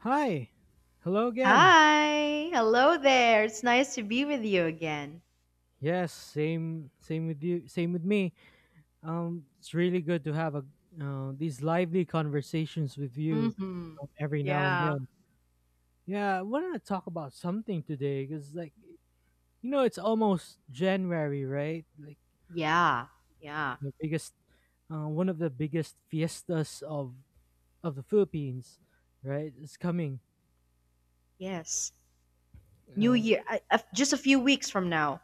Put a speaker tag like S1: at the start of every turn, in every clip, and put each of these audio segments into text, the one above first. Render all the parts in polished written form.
S1: Hi. Hello again.
S2: Hi, hello there. It's nice to be with you again.
S1: Yes, same with you, same with me. It's really good to have a these lively conversations with you
S2: Mm-hmm.
S1: every now and
S2: Yeah.
S1: then. Yeah, I want to talk about something today cuz like you know it's almost January, right? Like
S2: Yeah, yeah,
S1: the biggest one of the biggest fiestas of the Philippines, right? It's coming.
S2: yes. New
S1: Um
S2: Year, just a few weeks from now.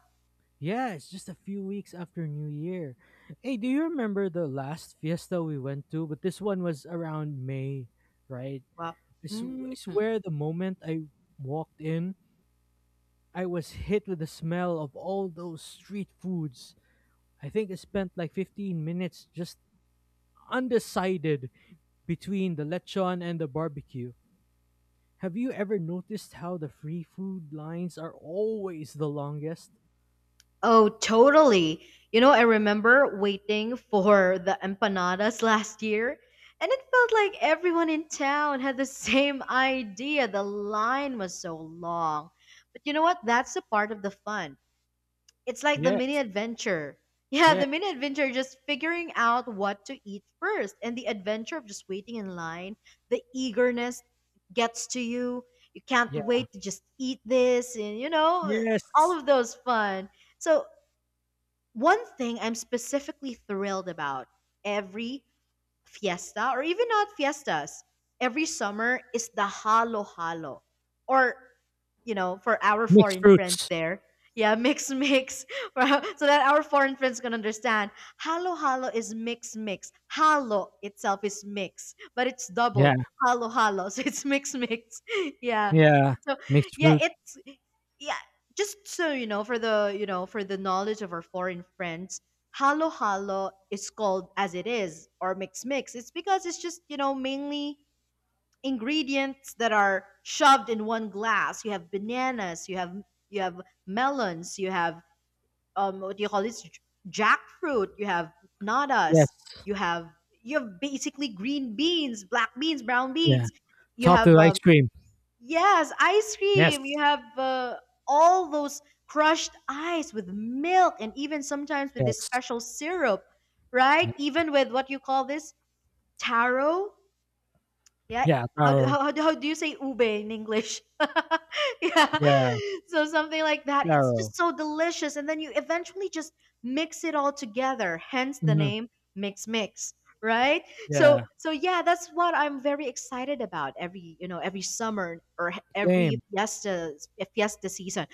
S1: Yeah, it's just a few weeks after New Year. Hey, do you remember the last fiesta we went to? But this one was around May, right?
S2: Well.
S1: This
S2: Hmm.
S1: is where the moment I walked in, I was hit with the smell of all those street foods. I think I spent like 15 minutes just undecided between the lechon and the barbecue. Have you ever noticed how the free food lines are always the longest?
S2: Oh, totally. You know, I remember waiting for the empanadas last year, and it felt like everyone in town had the same idea. The line was so long. But you know what? That's the part of the fun. It's like the mini
S1: Yes,
S2: adventure. Yeah,
S1: yeah,
S2: the mini adventure, just figuring out what to eat first, and the adventure of just waiting in line, the eagerness gets to you. You can't
S1: yeah,
S2: wait to just eat this, and all
S1: yes.
S2: of those fun. So, one thing I'm specifically thrilled about every fiesta, or even not fiestas, every summer is the halo halo, or, you know, for our
S1: Mixed
S2: foreign friends
S1: fruits.
S2: there. Yeah, mix mix. So that our foreign friends can understand. Halo halo is mix mix. Halo itself is mix, but it's
S1: Yeah,
S2: doubled. Halo halo. So it's mix mix. Yeah.
S1: yeah.
S2: So
S1: Mixed
S2: yeah,
S1: fruit.
S2: yeah, just so you know, for the knowledge of our foreign friends, halo halo is called as it is, or mix mix. It's because it's just, mainly ingredients that are shoved in one glass. You have bananas, you have you have melons, you have what do you call this, jackfruit, you have natas,
S1: Yes.
S2: you have basically green beans, black beans, brown
S1: Yeah.
S2: beans. You
S1: Topped
S2: have
S1: with ice cream.
S2: yes, ice
S1: Yes.
S2: cream. You have all those crushed ice with milk, and even sometimes with this
S1: Yes.
S2: special syrup, right?
S1: Yeah.
S2: Even with what you call this, taro, yeah.
S1: Yeah.
S2: How do how
S1: Taro.
S2: how do how do you say ube in English? Yeah.
S1: Yeah.
S2: So something like that. It's just
S1: Taro.
S2: so delicious. And then you eventually just mix it all together, hence the
S1: Hmm.
S2: name Mix Mix, right? So
S1: Yeah.
S2: so yeah, that's what I'm very excited about every, every summer, or every
S1: Same.
S2: fiesta season.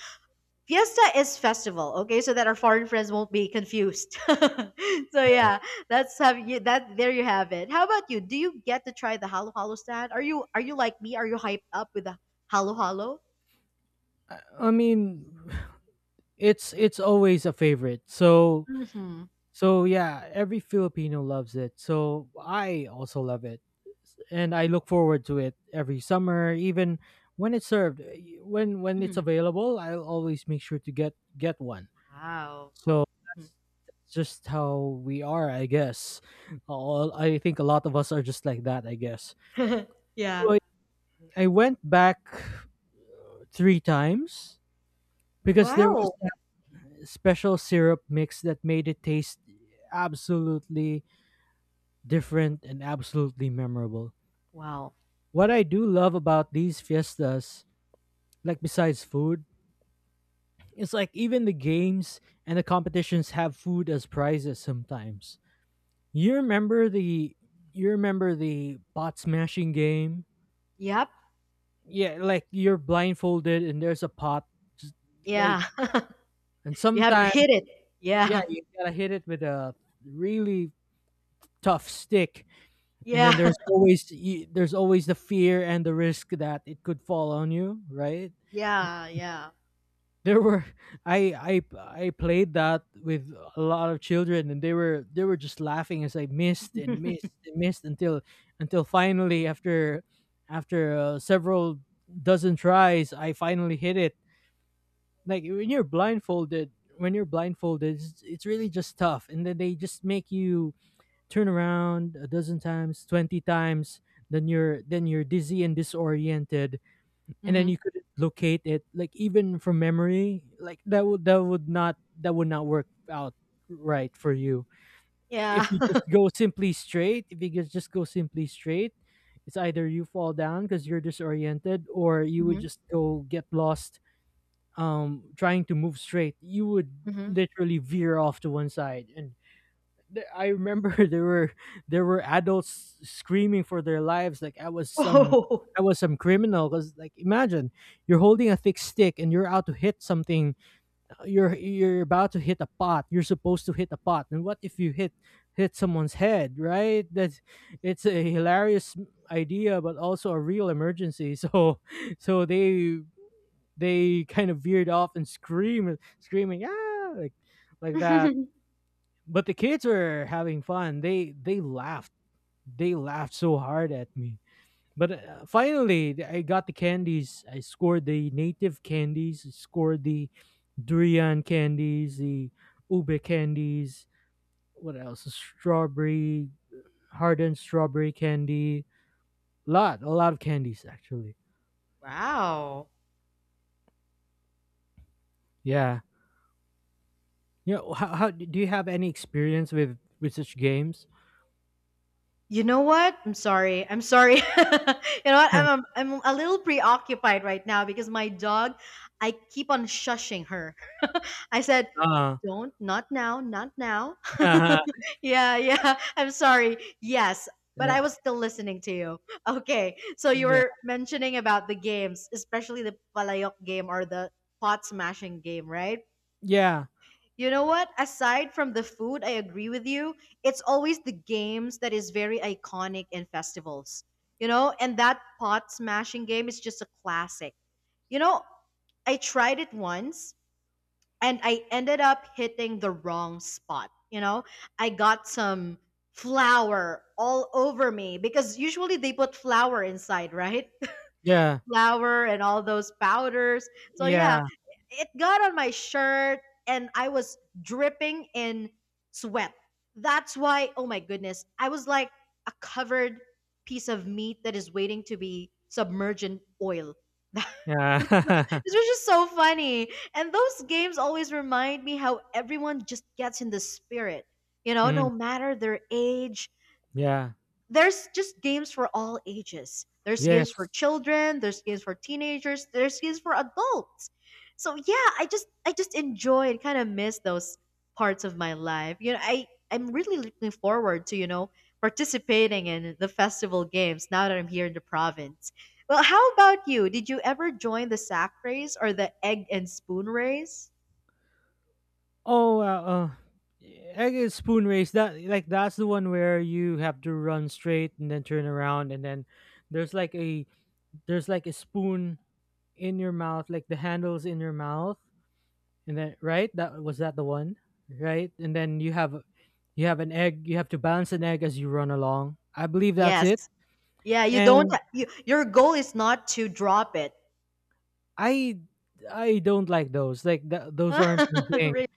S2: Fiesta is festival, okay? So that our foreign friends won't be confused. So
S1: Yeah.
S2: yeah, that's have you that there you have it. How about you? Do you get to try the halo halo stand? Are you like me? Are you hyped up with the halo halo?
S1: I, I mean, it's always a favorite. So
S2: Mm-hmm.
S1: so yeah, every Filipino loves it. So I also love it, and I look forward to it every summer, even when it's served. When it's
S2: Hmm.
S1: available, I'll always make sure to get one.
S2: Wow.
S1: So
S2: Mhm.
S1: it's just how we are, I guess. All I think a lot of us are just like that, I guess.
S2: Yeah.
S1: So I went back three times because there was
S2: Wow.
S1: that special syrup mix that made it taste absolutely different and absolutely memorable.
S2: Wow.
S1: What I do love about these fiestas, like besides food, it's like even the games and the competitions have food as prizes sometimes. You remember the pot smashing game,
S2: Yep.
S1: yeah. Like you're blindfolded and there's a pot, just like
S2: Yeah.
S1: and
S2: You have to
S1: sometimes,
S2: hit it. Yeah.
S1: yeah,
S2: Yeah.
S1: you gotta hit it with a really tough stick, and then there's always the fear and the risk that it could fall on you, right?
S2: Yeah. Yeah.
S1: There were I played that with a lot of children, and they were just laughing as I missed and missed and missed until finally, after several dozen tries, I finally hit it. Like when you're blindfolded it's really just tough, and then they just make you turn around a dozen times, 20 times. Then you're dizzy and disoriented, and then
S2: Mm-hmm.
S1: you couldn't locate it, like even from memory, like that would not work out right for you.
S2: Yeah.
S1: If you just go simply straight, if you just go simply straight it's either you fall down because you're disoriented, or you would
S2: Hmm.
S1: just go get lost. Trying to move straight, you would
S2: Hmm.
S1: literally veer off to one side, and I remember. There were adults screaming for their lives, like i was some
S2: Oh.
S1: i was some criminal. Because, like, imagine you're holding a thick stick and you're out to hit something. You're about to hit a pot, you're supposed to hit a pot, and what if you hit someone's head, right? That's, it's a hilarious idea but also a real emergency. So they kind of veered off and screaming, ah, like that. But the kids were having fun. They laughed. They laughed so hard at me. But finally, I got the candies. I scored the native candies. I scored the durian candies, the ube candies. What else? Strawberry, hardened strawberry candy. Lot, a lot of candies actually.
S2: Wow.
S1: Yeah. You know, how do you have any experience with such games?
S2: You know what? I'm sorry. I'm sorry. You know what? I'm, I'm I'm a little preoccupied right now because my dog, I keep on shushing her. I said,
S1: uh
S2: "Don't, not now, not now."
S1: Yeah.
S2: Yeah, yeah. I'm sorry. Yes, but I was still listening to you. Okay. So you
S1: Yeah.
S2: were mentioning about the games, especially the palayok game, or the pot smashing game, right?
S1: Yeah.
S2: You know what? Aside from the food, I agree with you. It's always the games that is very iconic in festivals. You know, and that pot smashing game is just a classic. You know, I tried it once, and I ended up hitting the wrong spot. You know, I got some flour all over me because usually they put flour inside, right?
S1: Yeah.
S2: Flour and all those powders. So yeah,
S1: Yeah.
S2: it got on my shirt, and I was dripping in sweat. That's why, oh my goodness, I was like a covered piece of meat that is waiting to be submerged in oil. It
S1: Yeah.
S2: was just so funny. And those games always remind me how everyone just gets in the spirit. You know,
S1: Mm,
S2: no matter their age,
S1: yeah.
S2: there's just games for all ages. There's
S1: Yes.
S2: games for children, there's games for teenagers, there's games for adults. So yeah, I just enjoy and kind of miss those parts of my life. You know, I I'm really looking forward to, you know, participating in the festival games now that I'm here in the province. Well, how about you? Did you ever join the sack race or the egg and spoon race?
S1: Oh, I guess spoon race. That Like that's the one where you have to run straight and then turn around, and then there's like a there's like a spoon in your mouth, like the handles in your mouth, and then, right, that was that the one, right? And then you have an egg. You have to balance an egg as you run along. I believe that's it.
S2: Yes. Yeah, you don't
S1: And
S2: ha- you, your goal is not to drop it.
S1: I I don't like those. Like those aren't my thing.
S2: Really?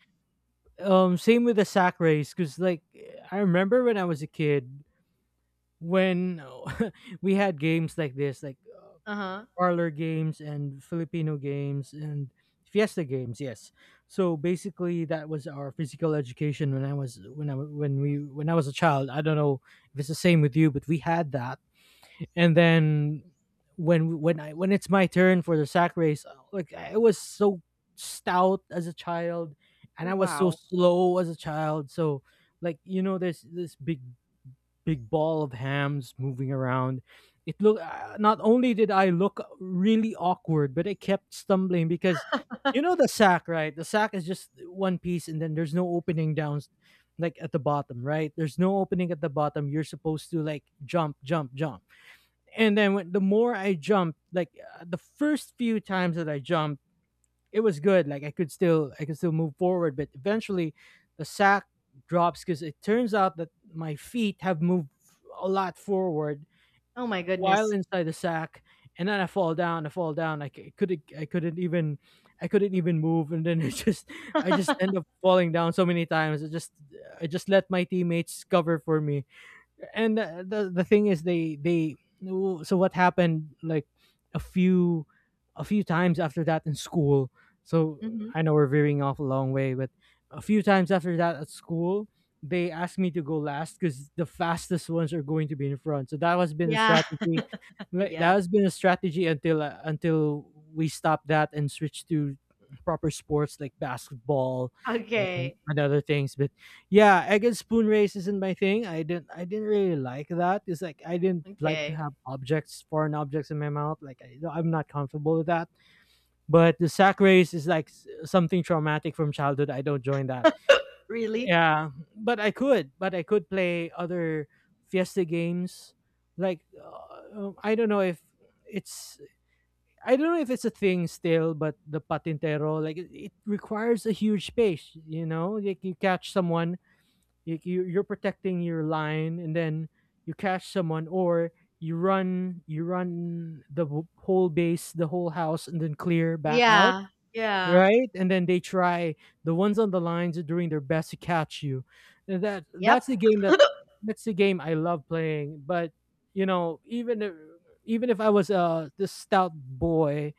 S1: Same with the sack race, cause like I remember when I was a kid when we had games like this, like
S2: Uh-huh.
S1: parlor games and Filipino games and Fiesta games. Yes, so basically that was our physical education when I was when I when we when I was a child. I don't know if it's the same with you, but we had that. And then when I when it's my turn for the sack race, like I was so stout as a child, and I was so
S2: Wow.
S1: slow as a child. So like you know, there's this big ball of hams moving around. It look not only did I look really awkward, but I kept stumbling because you know the sack, right? The sack is just one piece, and then there's no opening down like at the bottom, right? There's no opening at the bottom. You're supposed to like jump, jump, jump, and then when, the more I jumped, like, the first few times that I jumped, it was good. Like I could still move forward, but eventually the sack drops because it turns out that my feet have moved a lot forward
S2: Oh my
S1: while
S2: goodness.
S1: inside the sack, and then I fall down. I fall down. I c- I couldn't even move, and then I just I just end up falling down so many times. I just let my teammates cover for me. And the thing is, they so what happened, like, a few a few times after that in school. So
S2: Mhm.
S1: I know we're veering off a long way. But a few times after that at school, they asked me to go last because the fastest ones are going to be in front, so that has been the
S2: Yeah.
S1: strategy. Like, that
S2: Yeah.
S1: has been a strategy until we stopped that and switched to proper sports like basketball and,
S2: Okay.
S1: and other things. Yeah, egg and spoon race isn't my thing. I didn't really like that. It's like I didn't like to
S2: Okay.
S1: have objects, foreign objects in my mouth. Like I, no, I'm not comfortable with that. But the sack race is like something traumatic from childhood. I don't join that.
S2: Really?
S1: Yeah, but I could play other fiesta games. Like it's I don't know if it's a thing still, but the patintero, like it requires a huge space. You know, like you catch someone, you're protecting your line, and then you catch someone, or you run the whole house and then clear back out,
S2: Yeah. Yeah.
S1: right? And then they try, the ones on the lines are doing their best to catch you. And
S2: Yep.
S1: that that's the game I love playing. But you know, even if I was this stout boy,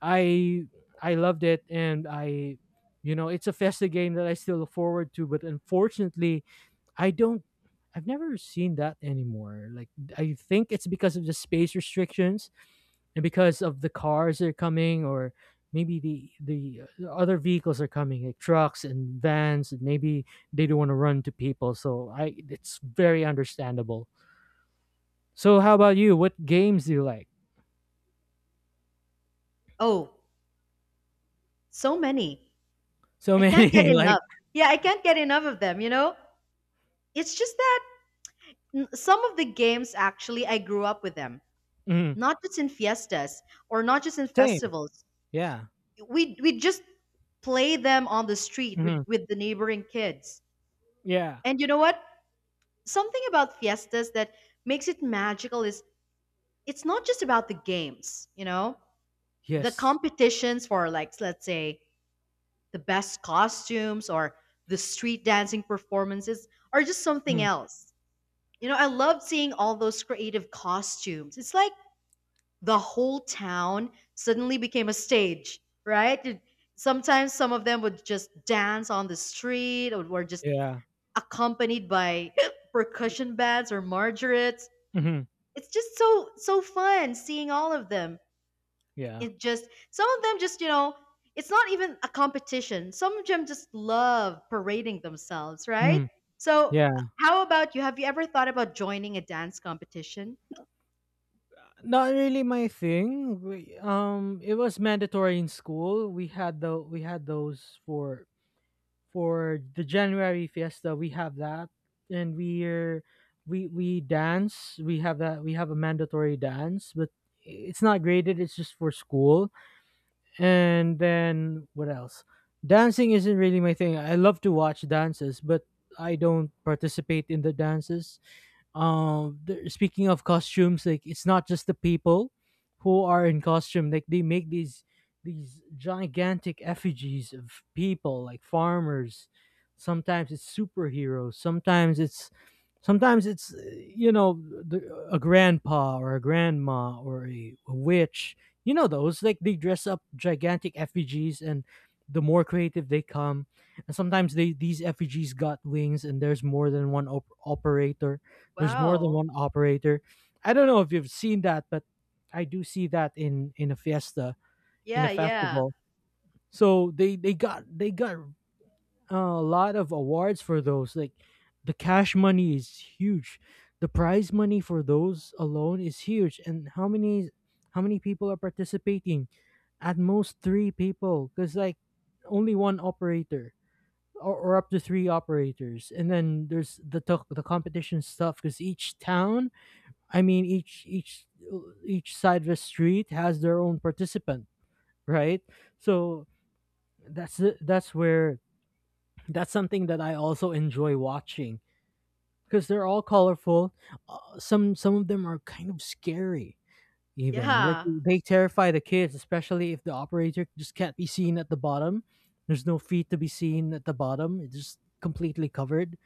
S1: i I loved it. And I, you know, it's a festive game that I still look forward to. But unfortunately, I don't I've never seen that anymore. Like, I think it's because of the space restrictions, and because of the cars that are coming, or maybe the other vehicles are coming, like trucks and vans, and maybe they don't want to run to people. So I it's very understandable. So how about you, what games do you like?
S2: Oh, so many.
S1: So
S2: I can't get
S1: many. Like,
S2: enough. Yeah, I can't get enough of them, you know? It's just that some of the games actually I grew up with them.
S1: mm,
S2: Not just in fiestas, or not just in
S1: same.
S2: festivals.
S1: Yeah.
S2: We just play them on the street, with,
S1: Mhm,
S2: with the neighboring kids.
S1: yeah.
S2: And you know what? Something about fiestas that makes it magical is it's not just about the games. You know, the
S1: Yes.
S2: competitions for, like, let's say the best costumes, or the street dancing performances are just something
S1: Mm,
S2: else. You know, I loved seeing all those creative costumes. It's like the whole town suddenly became a stage, right? Sometimes some of them would just dance on the street, or were just
S1: yeah.
S2: accompanied by percussion bands or margarets.
S1: Mhm,
S2: It's just so fun seeing all of them.
S1: yeah.
S2: It just, some of them just, you know, it's not even a competition. Some of them just love parading themselves, right?
S1: Mm,
S2: So
S1: yeah.
S2: how about you, have you ever thought about joining a dance competition?
S1: Not really my thing. It was mandatory in school. We had those for the January fiesta. We have that, and we dance. We have that. We have a mandatory dance, but it's not graded. It's just for school. And then what else? Dancing isn't really my thing. I love to watch dances, but I don't participate in the dances. Speaking of costumes, like, it's not just the people who are in costume. Like they make these gigantic effigies of people like farmers, sometimes it's superheroes, sometimes it's, you know, a grandpa or a grandma or a witch. You know those, like, they dress up gigantic effigies. And the more creative they come, and sometimes they these effigies got wings, and there's more than one operator. there's more than
S2: Wow.
S1: one operator. I don't know if you've seen that, but I do see that in a fiesta, in a
S2: Yeah. Yeah.
S1: festival. So they got a lot of awards for those. Like, the cash money is huge. The prize money for those alone is huge. And how many people are participating? At most three people, because like only one operator or up to three operators. And then there's the competition stuff because each town. Each each side of the street has their own participant, right? So that's where that's something that I also enjoy watching because they're all colorful. Some of them are kind of scary, even like
S2: Yeah.
S1: they terrify the kids, especially if the operator just can't be seen at the bottom. There's no feet to be seen at the bottom. It's just completely covered,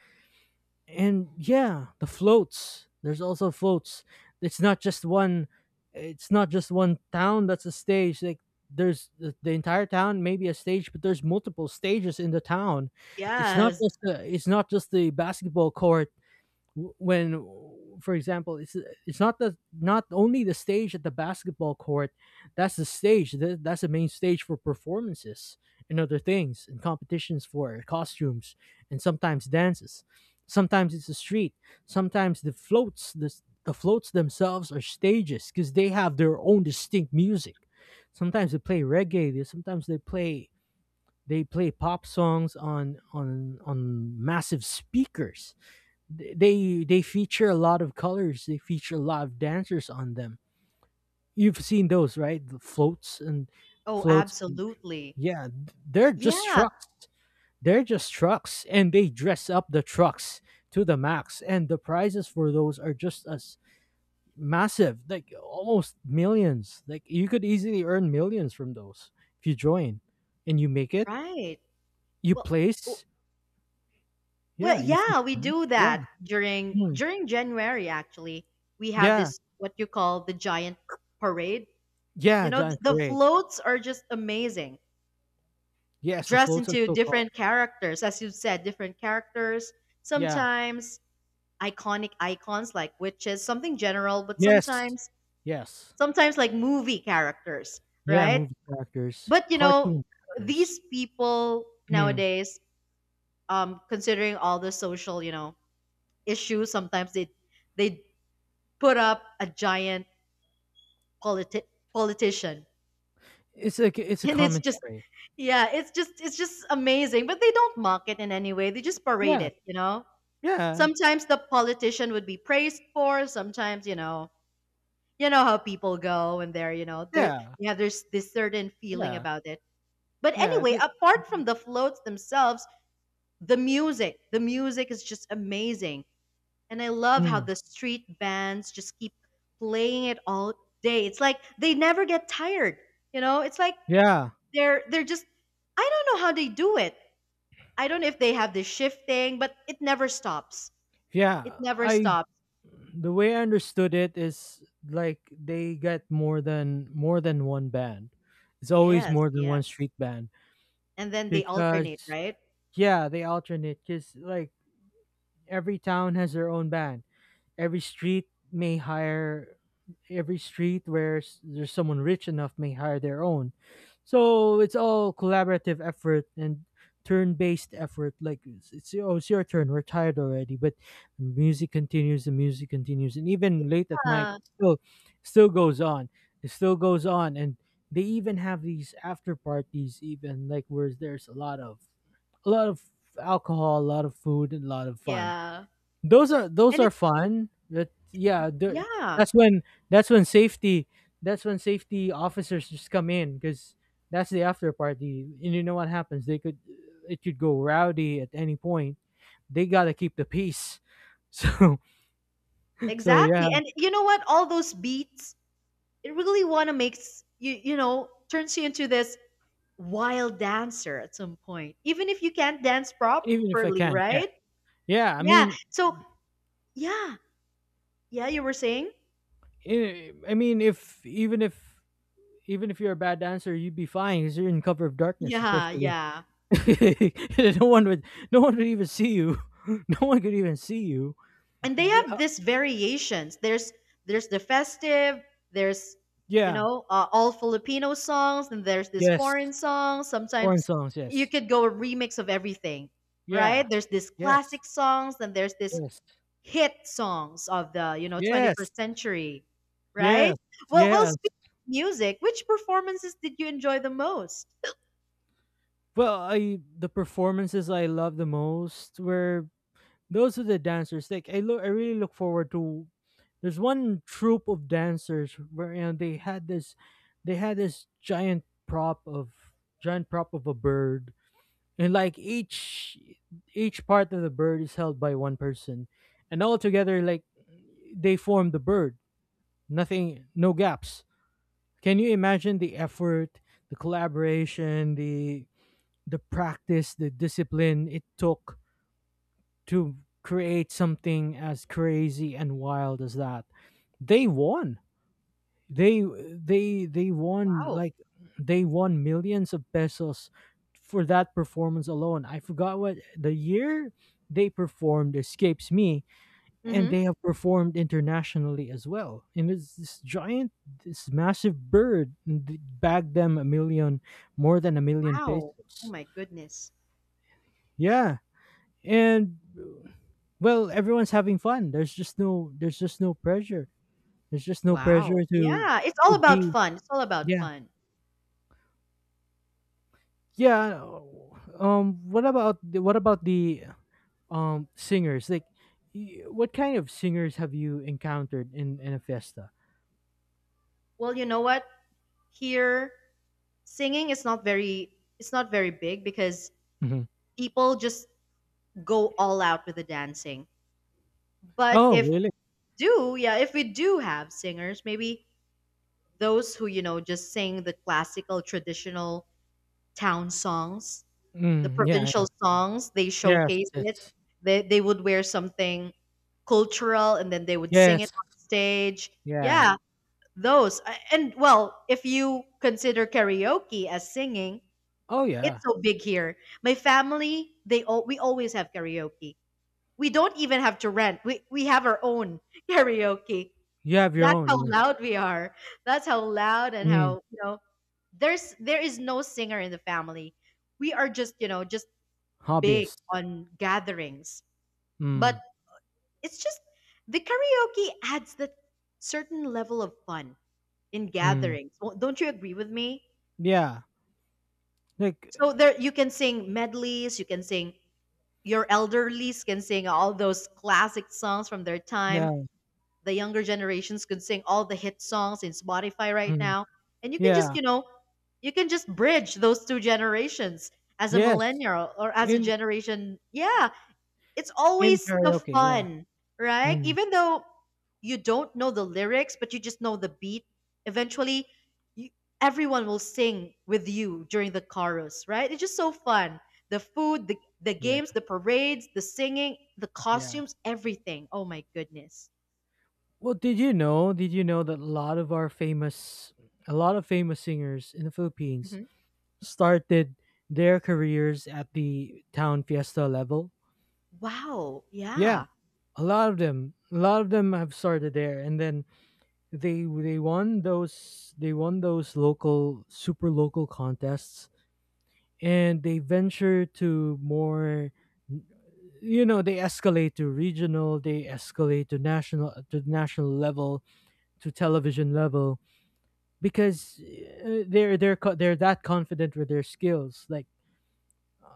S1: and yeah, the floats, there's also floats. It's not just one, it's not just one town that's a stage. Like there's the entire town maybe a stage, but there's multiple stages in the town. It's not
S2: Yes.
S1: just it's not just the basketball court. When for example it's not the not only the stage at the basketball court, that's the stage that's the main stage for performances and other things, and competitions for costumes and sometimes dances. Sometimes it's the street, sometimes the floats the floats themselves are stages because they have their own distinct music. Sometimes they play reggae, sometimes they play, they play pop songs on on massive speakers. They feature a lot of colors, they feature a lot of dancers on them. You've seen those, right? The floats and
S2: Oh,
S1: floats.
S2: absolutely.
S1: Yeah, they're just
S2: Yeah.
S1: trucks, they're just trucks, and they dress up the trucks to the max. And the prizes for those are just as massive, like almost millions. Like you could easily earn millions from those if you join and you make it,
S2: Right.
S1: you
S2: Well, w-
S1: place.
S2: well,
S1: Yeah, if you
S2: yeah, we
S1: place,
S2: do
S1: yeah.
S2: that during
S1: mm,
S2: January, actually. We have
S1: yeah,
S2: this what you call the giant parade. You
S1: yeah,
S2: know,
S1: giant
S2: the
S1: parade.
S2: floats are just amazing.
S1: Yes, the
S2: Dressed
S1: floats are
S2: into
S1: so called.
S2: different characters, as you said, different characters,
S1: Yeah.
S2: sometimes iconic icons like witches, something general, but
S1: Yes.
S2: sometimes
S1: Yes.
S2: sometimes like movie characters,
S1: Yeah,
S2: right?
S1: movie characters,
S2: But you know,
S1: cartoon characters.
S2: these people
S1: Mm.
S2: nowadays, considering all the social, issue, sometimes they put up a giant, politi- politician.
S1: It's like it's a
S2: And it's just
S1: commentary.
S2: yeah it's just amazing. But they don't mock it in any way, they just parade
S1: Yeah.
S2: it.
S1: Yeah.
S2: Sometimes the politician would be praised for, sometimes, you know, you know how people go, and they're, you know, they're,
S1: Yeah.
S2: yeah, there's this certain feeling
S1: Yeah.
S2: about it. But
S1: Yeah.
S2: anyway,
S1: They,
S2: apart from the floats themselves, the music is just amazing. And I love how
S1: mm.
S2: the street bands just keep playing it all day. It's like they never get tired. You know, it's like
S1: Yeah,
S2: they're just, I don't know how they do it. I don't know if they have this shifting, but it never stops.
S1: yeah.
S2: It never
S1: I
S2: stops.
S1: The way I understood it is like they get more than one band. It's always
S2: Yes,
S1: more than one
S2: yes.
S1: street band,
S2: And then they alternate,
S1: because
S2: right?
S1: yeah, they alternate, because like every town has their own band. Every street may hire, every street where there's someone rich enough may hire their own. So it's all collaborative effort and turn-based effort. Like it's oh it's your turn, we're tired already, but the music continues, the music continues, and even late at night
S2: Yeah.
S1: still, still goes on, it still goes on. And they even have these after parties even, like where there's a lot of, a lot of alcohol, a lot of food, and a lot of fun.
S2: Yeah.
S1: Those are, those
S2: And
S1: are
S2: it
S1: fun.
S2: yeah,
S1: That's when, that's when safety, that's when safety officers just come in, because that's the after party, and you know what happens, they could, it could go rowdy at any point. They gotta keep the peace so, so yeah.
S2: exactly. And you know what? All those beats, it really wanna makes you turns you into this wild dancer at some point, even if you can't dance
S1: Even if I
S2: properly,
S1: can, yeah.
S2: right?
S1: Yeah, I
S2: Yeah.
S1: mean,
S2: So, yeah. Yeah, you were saying?
S1: I mean if even if, even if you're a bad dancer you'd be fine because you're in cover of darkness
S2: Yeah,
S1: especially.
S2: yeah.
S1: No one would, no one would even see you. No one could even see you.
S2: And they
S1: The
S2: have this variations. There's the festive, there's
S1: yeah.
S2: all Filipino songs, and there's this
S1: Yes.
S2: foreign song.
S1: Foreign
S2: Sometimes
S1: songs,
S2: you
S1: yes.
S2: could go a remix of everything, right?
S1: Yeah.
S2: There's this
S1: Yes.
S2: classic songs, and there's this
S1: Yes.
S2: hit songs of the
S1: Yes.
S2: 21st century, right?
S1: Yes.
S2: Well,
S1: Yes.
S2: speaking of music, which performances did you enjoy the most?
S1: Well, I the performances I love the most were those of the dancers. Like I really look forward to, there's one troupe of dancers where you know they had this, they had this giant prop of, giant prop of a bird. And like each part of the bird is held by one person, and all together like they form the bird, nothing, no gaps. Can you imagine the effort, the collaboration, the practice, the discipline it took to create something as crazy and wild as that. They won, they, they won
S2: Wow.
S1: like, they won millions of pesos for that performance alone. I forgot what the year they performed escapes me. And
S2: Mm-hmm.
S1: they have performed internationally as well, and it's this giant, this massive bird, and bagged them a million, more than a million
S2: Wow. Oh
S1: pesos.
S2: my goodness.
S1: Yeah. And well, everyone's having fun, there's just no, there's just no pressure, there's just no
S2: Wow.
S1: pressure to
S2: Yeah, it's all
S1: to
S2: about
S1: be,
S2: fun. It's all about
S1: yeah.
S2: fun.
S1: Yeah. What about the singers? Like, what kind of singers have you encountered in a fiesta?
S2: Well, you know what, here singing is not very, it's not very big because
S1: Hmm.
S2: people just go all out with the dancing. But
S1: Oh,
S2: if
S1: really?
S2: do yeah if we do have singers, maybe those who, just sing the classical, traditional town songs, the
S1: Mm, yeah.
S2: provincial
S1: Yeah.
S2: songs. They
S1: Yes.
S2: showcase it.
S1: Yes.
S2: They would wear something cultural, and then they would sing it
S1: Yes.
S2: on stage.
S1: Yeah.
S2: Yeah, those. I- And well, if you consider karaoke as singing,
S1: Oh,
S2: it's
S1: yeah.
S2: so big here. My family, they all we always have karaoke. We don't even have to rent. We have our own karaoke.
S1: You have your
S2: That's
S1: own.
S2: how
S1: Yeah.
S2: loud we are. That's how loud and
S1: Mm,
S2: how, you know, there is no singer in the family. We are just big
S1: hobbyist.
S2: on gatherings. But
S1: Mm,
S2: it's just the karaoke adds that certain level of fun in
S1: mm.
S2: gatherings. Well, don't you agree with me?
S1: Yeah. Like.
S2: So there you can sing medleys, you can sing your elderlies can sing all those classic songs from their time.
S1: Yeah.
S2: The younger generations can sing all the hit songs in Spotify right
S1: Mm,
S2: now. And you can just,
S1: yeah.
S2: bridge those two generations as a
S1: Yes.
S2: millennial or as a
S1: In
S2: generation. Yeah, it's
S1: in
S2: always the
S1: karaoke. Yeah.
S2: fun, right?
S1: Mm,
S2: Even though you don't know the lyrics, but you just know the beat, eventually you, everyone will sing with you during the chorus, right? It's just so fun. The food, the
S1: yeah.
S2: games, the parades, the singing, the
S1: Yeah.
S2: costumes, everything. Oh my goodness.
S1: Well, did you know? Did you know that a lot of our famous, a lot of famous singers in the Philippines started their careers at the town fiesta level?
S2: Wow,
S1: Yeah,
S2: yeah.
S1: a lot of them, a lot of them have started there, and then they won those, they won those local super local contests, and they venture to more. You know, they escalate to regional, they escalate to national level, to television level, because they're that confident with their skills. Like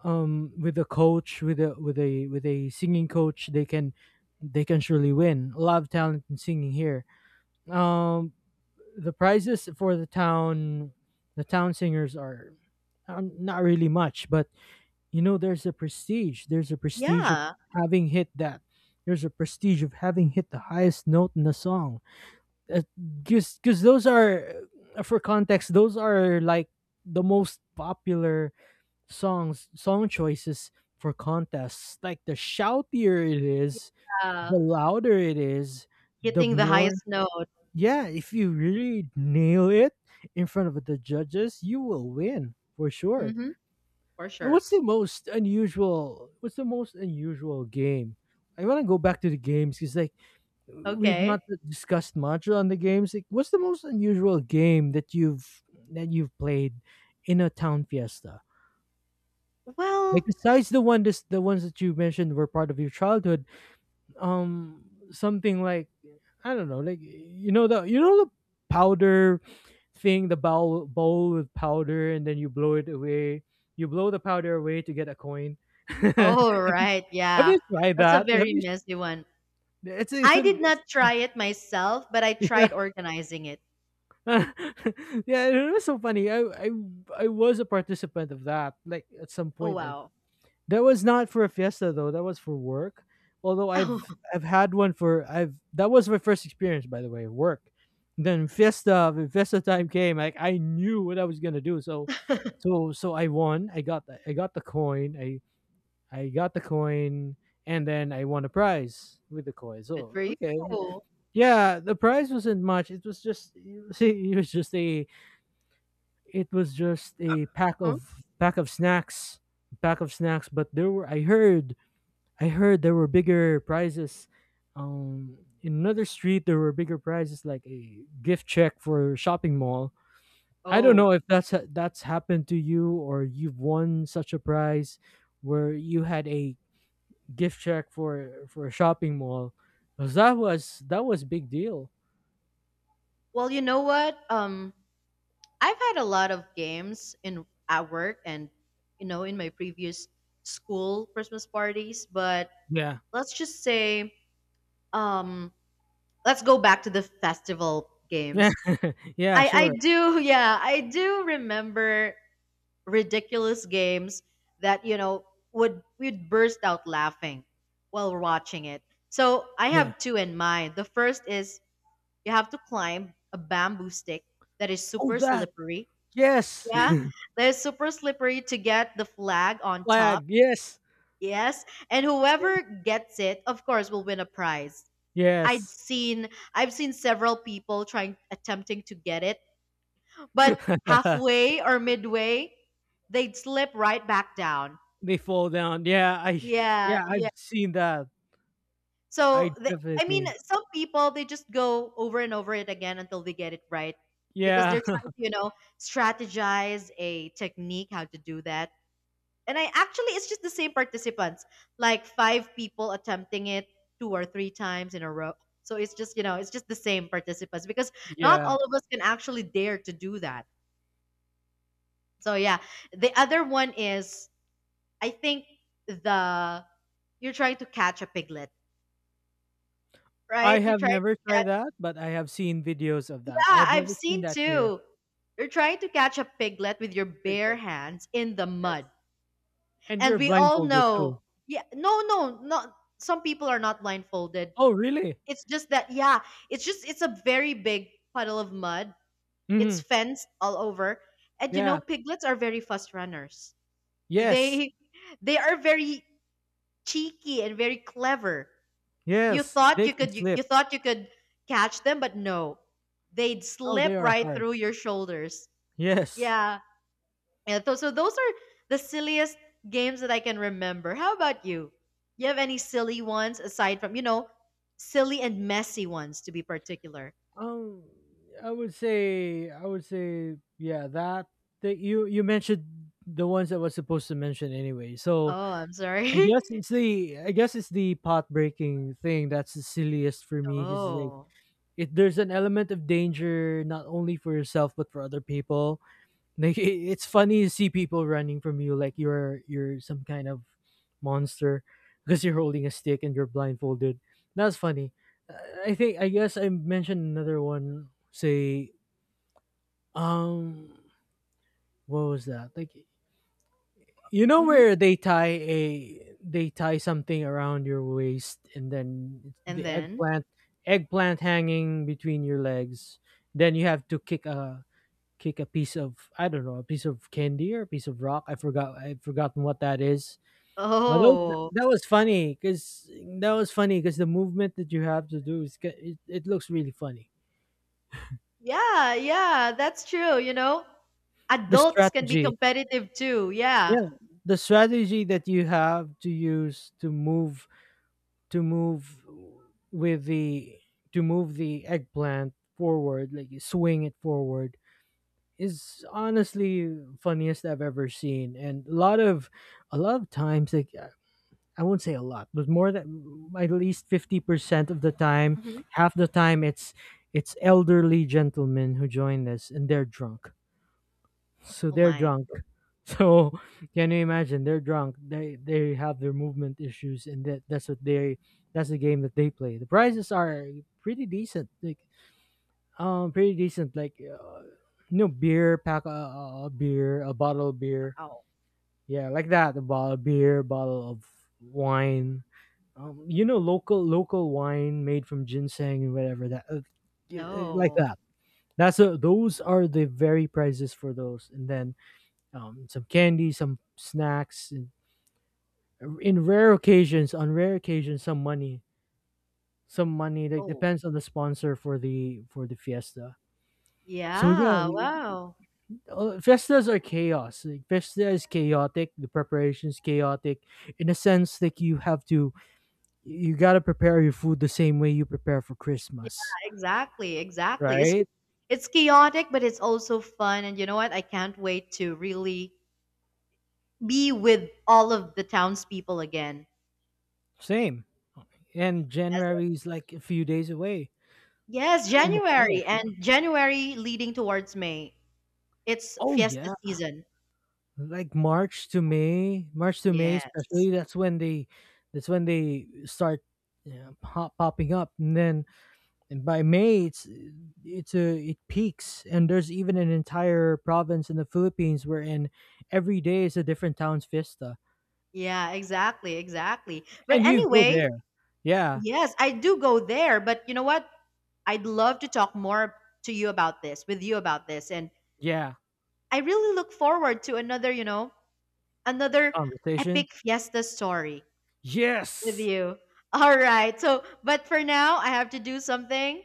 S1: with a coach, with a with a singing coach they can, they can surely win. A lot of talent in singing here. um the prizes for the town, the town singers are not really much, but you know there's a prestige, there's a prestige of
S2: Yeah.
S1: having hit that, there's a prestige of having hit the highest note in the song. Because those are for context those are like the most popular songs, song choices for contests. Like the shoutier it is, the
S2: Yeah.
S1: louder it is, the
S2: Hitting the
S1: more,
S2: highest note.
S1: yeah, if you really nail it in front of the judges you will win for sure.
S2: Mhm, for
S1: And
S2: sure.
S1: what's the most unusual, what's the most unusual game. I want to go back to the games, because like we've not
S2: Okay.
S1: discussed much on the games. Like, what's the most unusual game that you've, that you've played in a town fiesta? Like
S2: Well,
S1: besides the one, this the ones that you mentioned were part of your childhood, um something like, I don't know, like you know the, you know the powder thing, the bowl, bowl with powder, and then you blow it away. You blow the powder away to get a coin. Have
S2: all right, yeah.
S1: you tried
S2: That's a
S1: that? Have
S2: very
S1: you,
S2: messy one.
S1: it's
S2: I did not try it myself, but I tried organizing it.
S1: yeah, it was so funny. I I was a participant of that. Like at some
S2: Oh,
S1: point, uh,
S2: wow.
S1: that was not for a fiesta though. That was for work. Although I've I've had one for, I've, that was my first experience by the way, work. Then fiesta, when fiesta time came, like I knew what I was gonna do. So
S2: Oh,
S1: so I won. I got the, I got the coin. I got the coin, and then I won a prize with the coin.
S2: good for
S1: So
S2: you.
S1: okay, yeah, the prize wasn't much. It was just, it was it was just a, it was just a pack
S2: Mhm.
S1: of, pack of snacks, pack of snacks. But there were, I heard, I heard there were bigger prizes. In another street there were bigger prizes, like a gift check for a shopping mall. I don't
S2: Oh,
S1: know if that's happened to you, or you've won such a prize where you had a gift check for a shopping mall. 'Cause that was, that was big deal.
S2: well, you know what? I've had a lot of games in at work, and in my previous school Christmas parties, but
S1: Yeah.
S2: let's just say, um let's go back to the festival games. i
S1: yeah,
S2: i
S1: sure.
S2: do yeah, I do remember ridiculous games that you know would we'd burst out laughing while we're watching it. So I
S1: Yeah.
S2: have two in mind. The first is, you have to climb a bamboo stick that is
S1: Oh
S2: super
S1: that.
S2: slippery,
S1: Yes.
S2: yeah, that is super slippery to get the flag on top,
S1: Flag. Yes.
S2: yes. And whoever gets it, of course, will win a prize. I'd
S1: Yes.
S2: seen I've seen several people trying, attempting to get it, but halfway or midway, they'd slip right back down.
S1: They fall down. Yeah, I,
S2: Yeah,
S1: yeah,
S2: yeah.
S1: I've seen that.
S2: So
S1: I
S2: I mean,
S1: definitely.
S2: some people they just go over and over it again until they get it right because
S1: Yeah,
S2: they're trying to, you know, strategize a technique how to do that. And I actually, it's just the same participants, like five people attempting it two or three times in a row. So it's just the same participants because not
S1: yeah.
S2: all of us can actually dare to do that. So yeah, the other one is, I think the, you're trying to catch a piglet,
S1: I
S2: right? You're
S1: have
S2: trying
S1: never
S2: to
S1: tried
S2: catch,
S1: that, but I have seen videos of that. I
S2: yeah,
S1: have
S2: I've
S1: never seen
S2: seen
S1: that here.
S2: too. You're trying to catch a piglet with your bare
S1: Piglet,
S2: hands in the
S1: yes.
S2: mud.
S1: And
S2: And
S1: you're
S2: we all
S1: blindfolded too.
S2: know, yeah, no, no, not, some people are not blindfolded.
S1: Oh, really?
S2: It's just that, yeah, it's a very big puddle of mud. It's
S1: Hmm.
S2: fenced all over. And you know,
S1: Yeah.
S2: piglets are very fast runners.
S1: Yes.
S2: They, they are very cheeky and very clever. You
S1: Yes.
S2: thought
S1: They
S2: you
S1: can
S2: could, you
S1: slip.
S2: thought you could catch them, but no, they'd
S1: Oh,
S2: slip
S1: they are
S2: right
S1: hard.
S2: through your shoulders.
S1: Yes.
S2: Yeah. Yeah. so those are the silliest games that I can remember. How about you? You have any silly ones aside from, you know, silly and messy ones to be particular?
S1: Um, I would say, yeah, that that you mentioned the ones I was supposed to mention anyway. So,
S2: Oh, I'm sorry.
S1: I guess it's the, I guess it's the pot breaking thing that's the silliest for me, because like
S2: Oh.
S1: it, there's an element of danger, not only for yourself but for other people. Like it, it's funny to see people running from you like you're some kind of monster, because you're holding a stick and you're blindfolded. That's funny. Uh, I think I guess I mentioned another one. Say um, what was that? Like, you know
S2: Hmm.
S1: where they tie a, they tie something around your waist, and then it's
S2: And
S1: the
S2: then?
S1: eggplant, eggplant hanging between your legs. Then you have to kick a, kick a piece of, I don't know, a piece of candy or a piece of rock. I forgot, I've forgotten what that is. Although
S2: Oh.
S1: that was funny cuz, that was funny cuz the movement that you have to do is it, it looks really funny.
S2: Yeah, yeah, that's true, you know?
S1: The
S2: Adults can be
S1: strategy.
S2: competitive too. Yeah.
S1: Yeah, the strategy that you have to use to move, to move with the, to move the eggplant forward, like you swing it forward, is honestly funniest I've ever seen. And a lot of, a lot of times, like I won't say a lot, but more than at least 50% of the time,
S2: Hmm.
S1: half the time it's elderly gentlemen who join us and they're drunk, so
S2: Oh
S1: they're
S2: my.
S1: drunk, so can you imagine they're drunk, they have their movement issues, and that, that's what they, that's the game that they play. The prices are pretty decent. Like pretty decent like no beer pack, a beer, a bottle of beer,
S2: Wow.
S1: yeah, like that. A bottle of beer, bottle of wine, you know, local, local wine made from ginseng and whatever that like
S2: Oh.
S1: that. That's a, those are the very prices for those, and then some candy, some snacks. And in rare occasions, on rare occasions, some money, some money. Like
S2: Oh.
S1: depends on the sponsor for the, for the fiesta. So yeah,
S2: Yeah.
S1: we,
S2: Wow.
S1: fiestas are chaos. Like, fiesta is chaotic. The preparation is chaotic. In a sense, like you have to, you gotta prepare your food the same way you prepare for
S2: Yeah,
S1: Christmas,
S2: exactly. Exactly. It's
S1: right?
S2: just, it's chaotic, but it's also fun. And you know what? I can't wait to really be with all of the townspeople again.
S1: Same. And
S2: Yes.
S1: January is like a few days away.
S2: Yes,
S1: I look
S2: January
S1: forward.
S2: and January leading towards May. It's
S1: Oh
S2: fiesta
S1: yeah,
S2: season.
S1: like March to May
S2: Yes.
S1: especially, that's when they, that's when they start, yeah, pop, popping up, and then, and by May it's a it peaks, and there's even an entire province in the Philippines wherein every day is a different town's fiesta.
S2: Yeah, exactly, exactly. But
S1: And you go
S2: anyway,
S1: there. Yeah.
S2: yes, I do go there, but you know what? I'd love to talk more to you about this, with you about this, and
S1: Yeah.
S2: I really look forward to another, another
S1: Conversation.
S2: epic fiesta story with
S1: Yes.
S2: you. All right. So, but for now, I have to do something.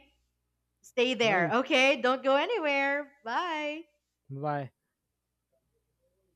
S2: Stay there,
S1: Right.
S2: okay? Don't go anywhere. Bye.
S1: Bye.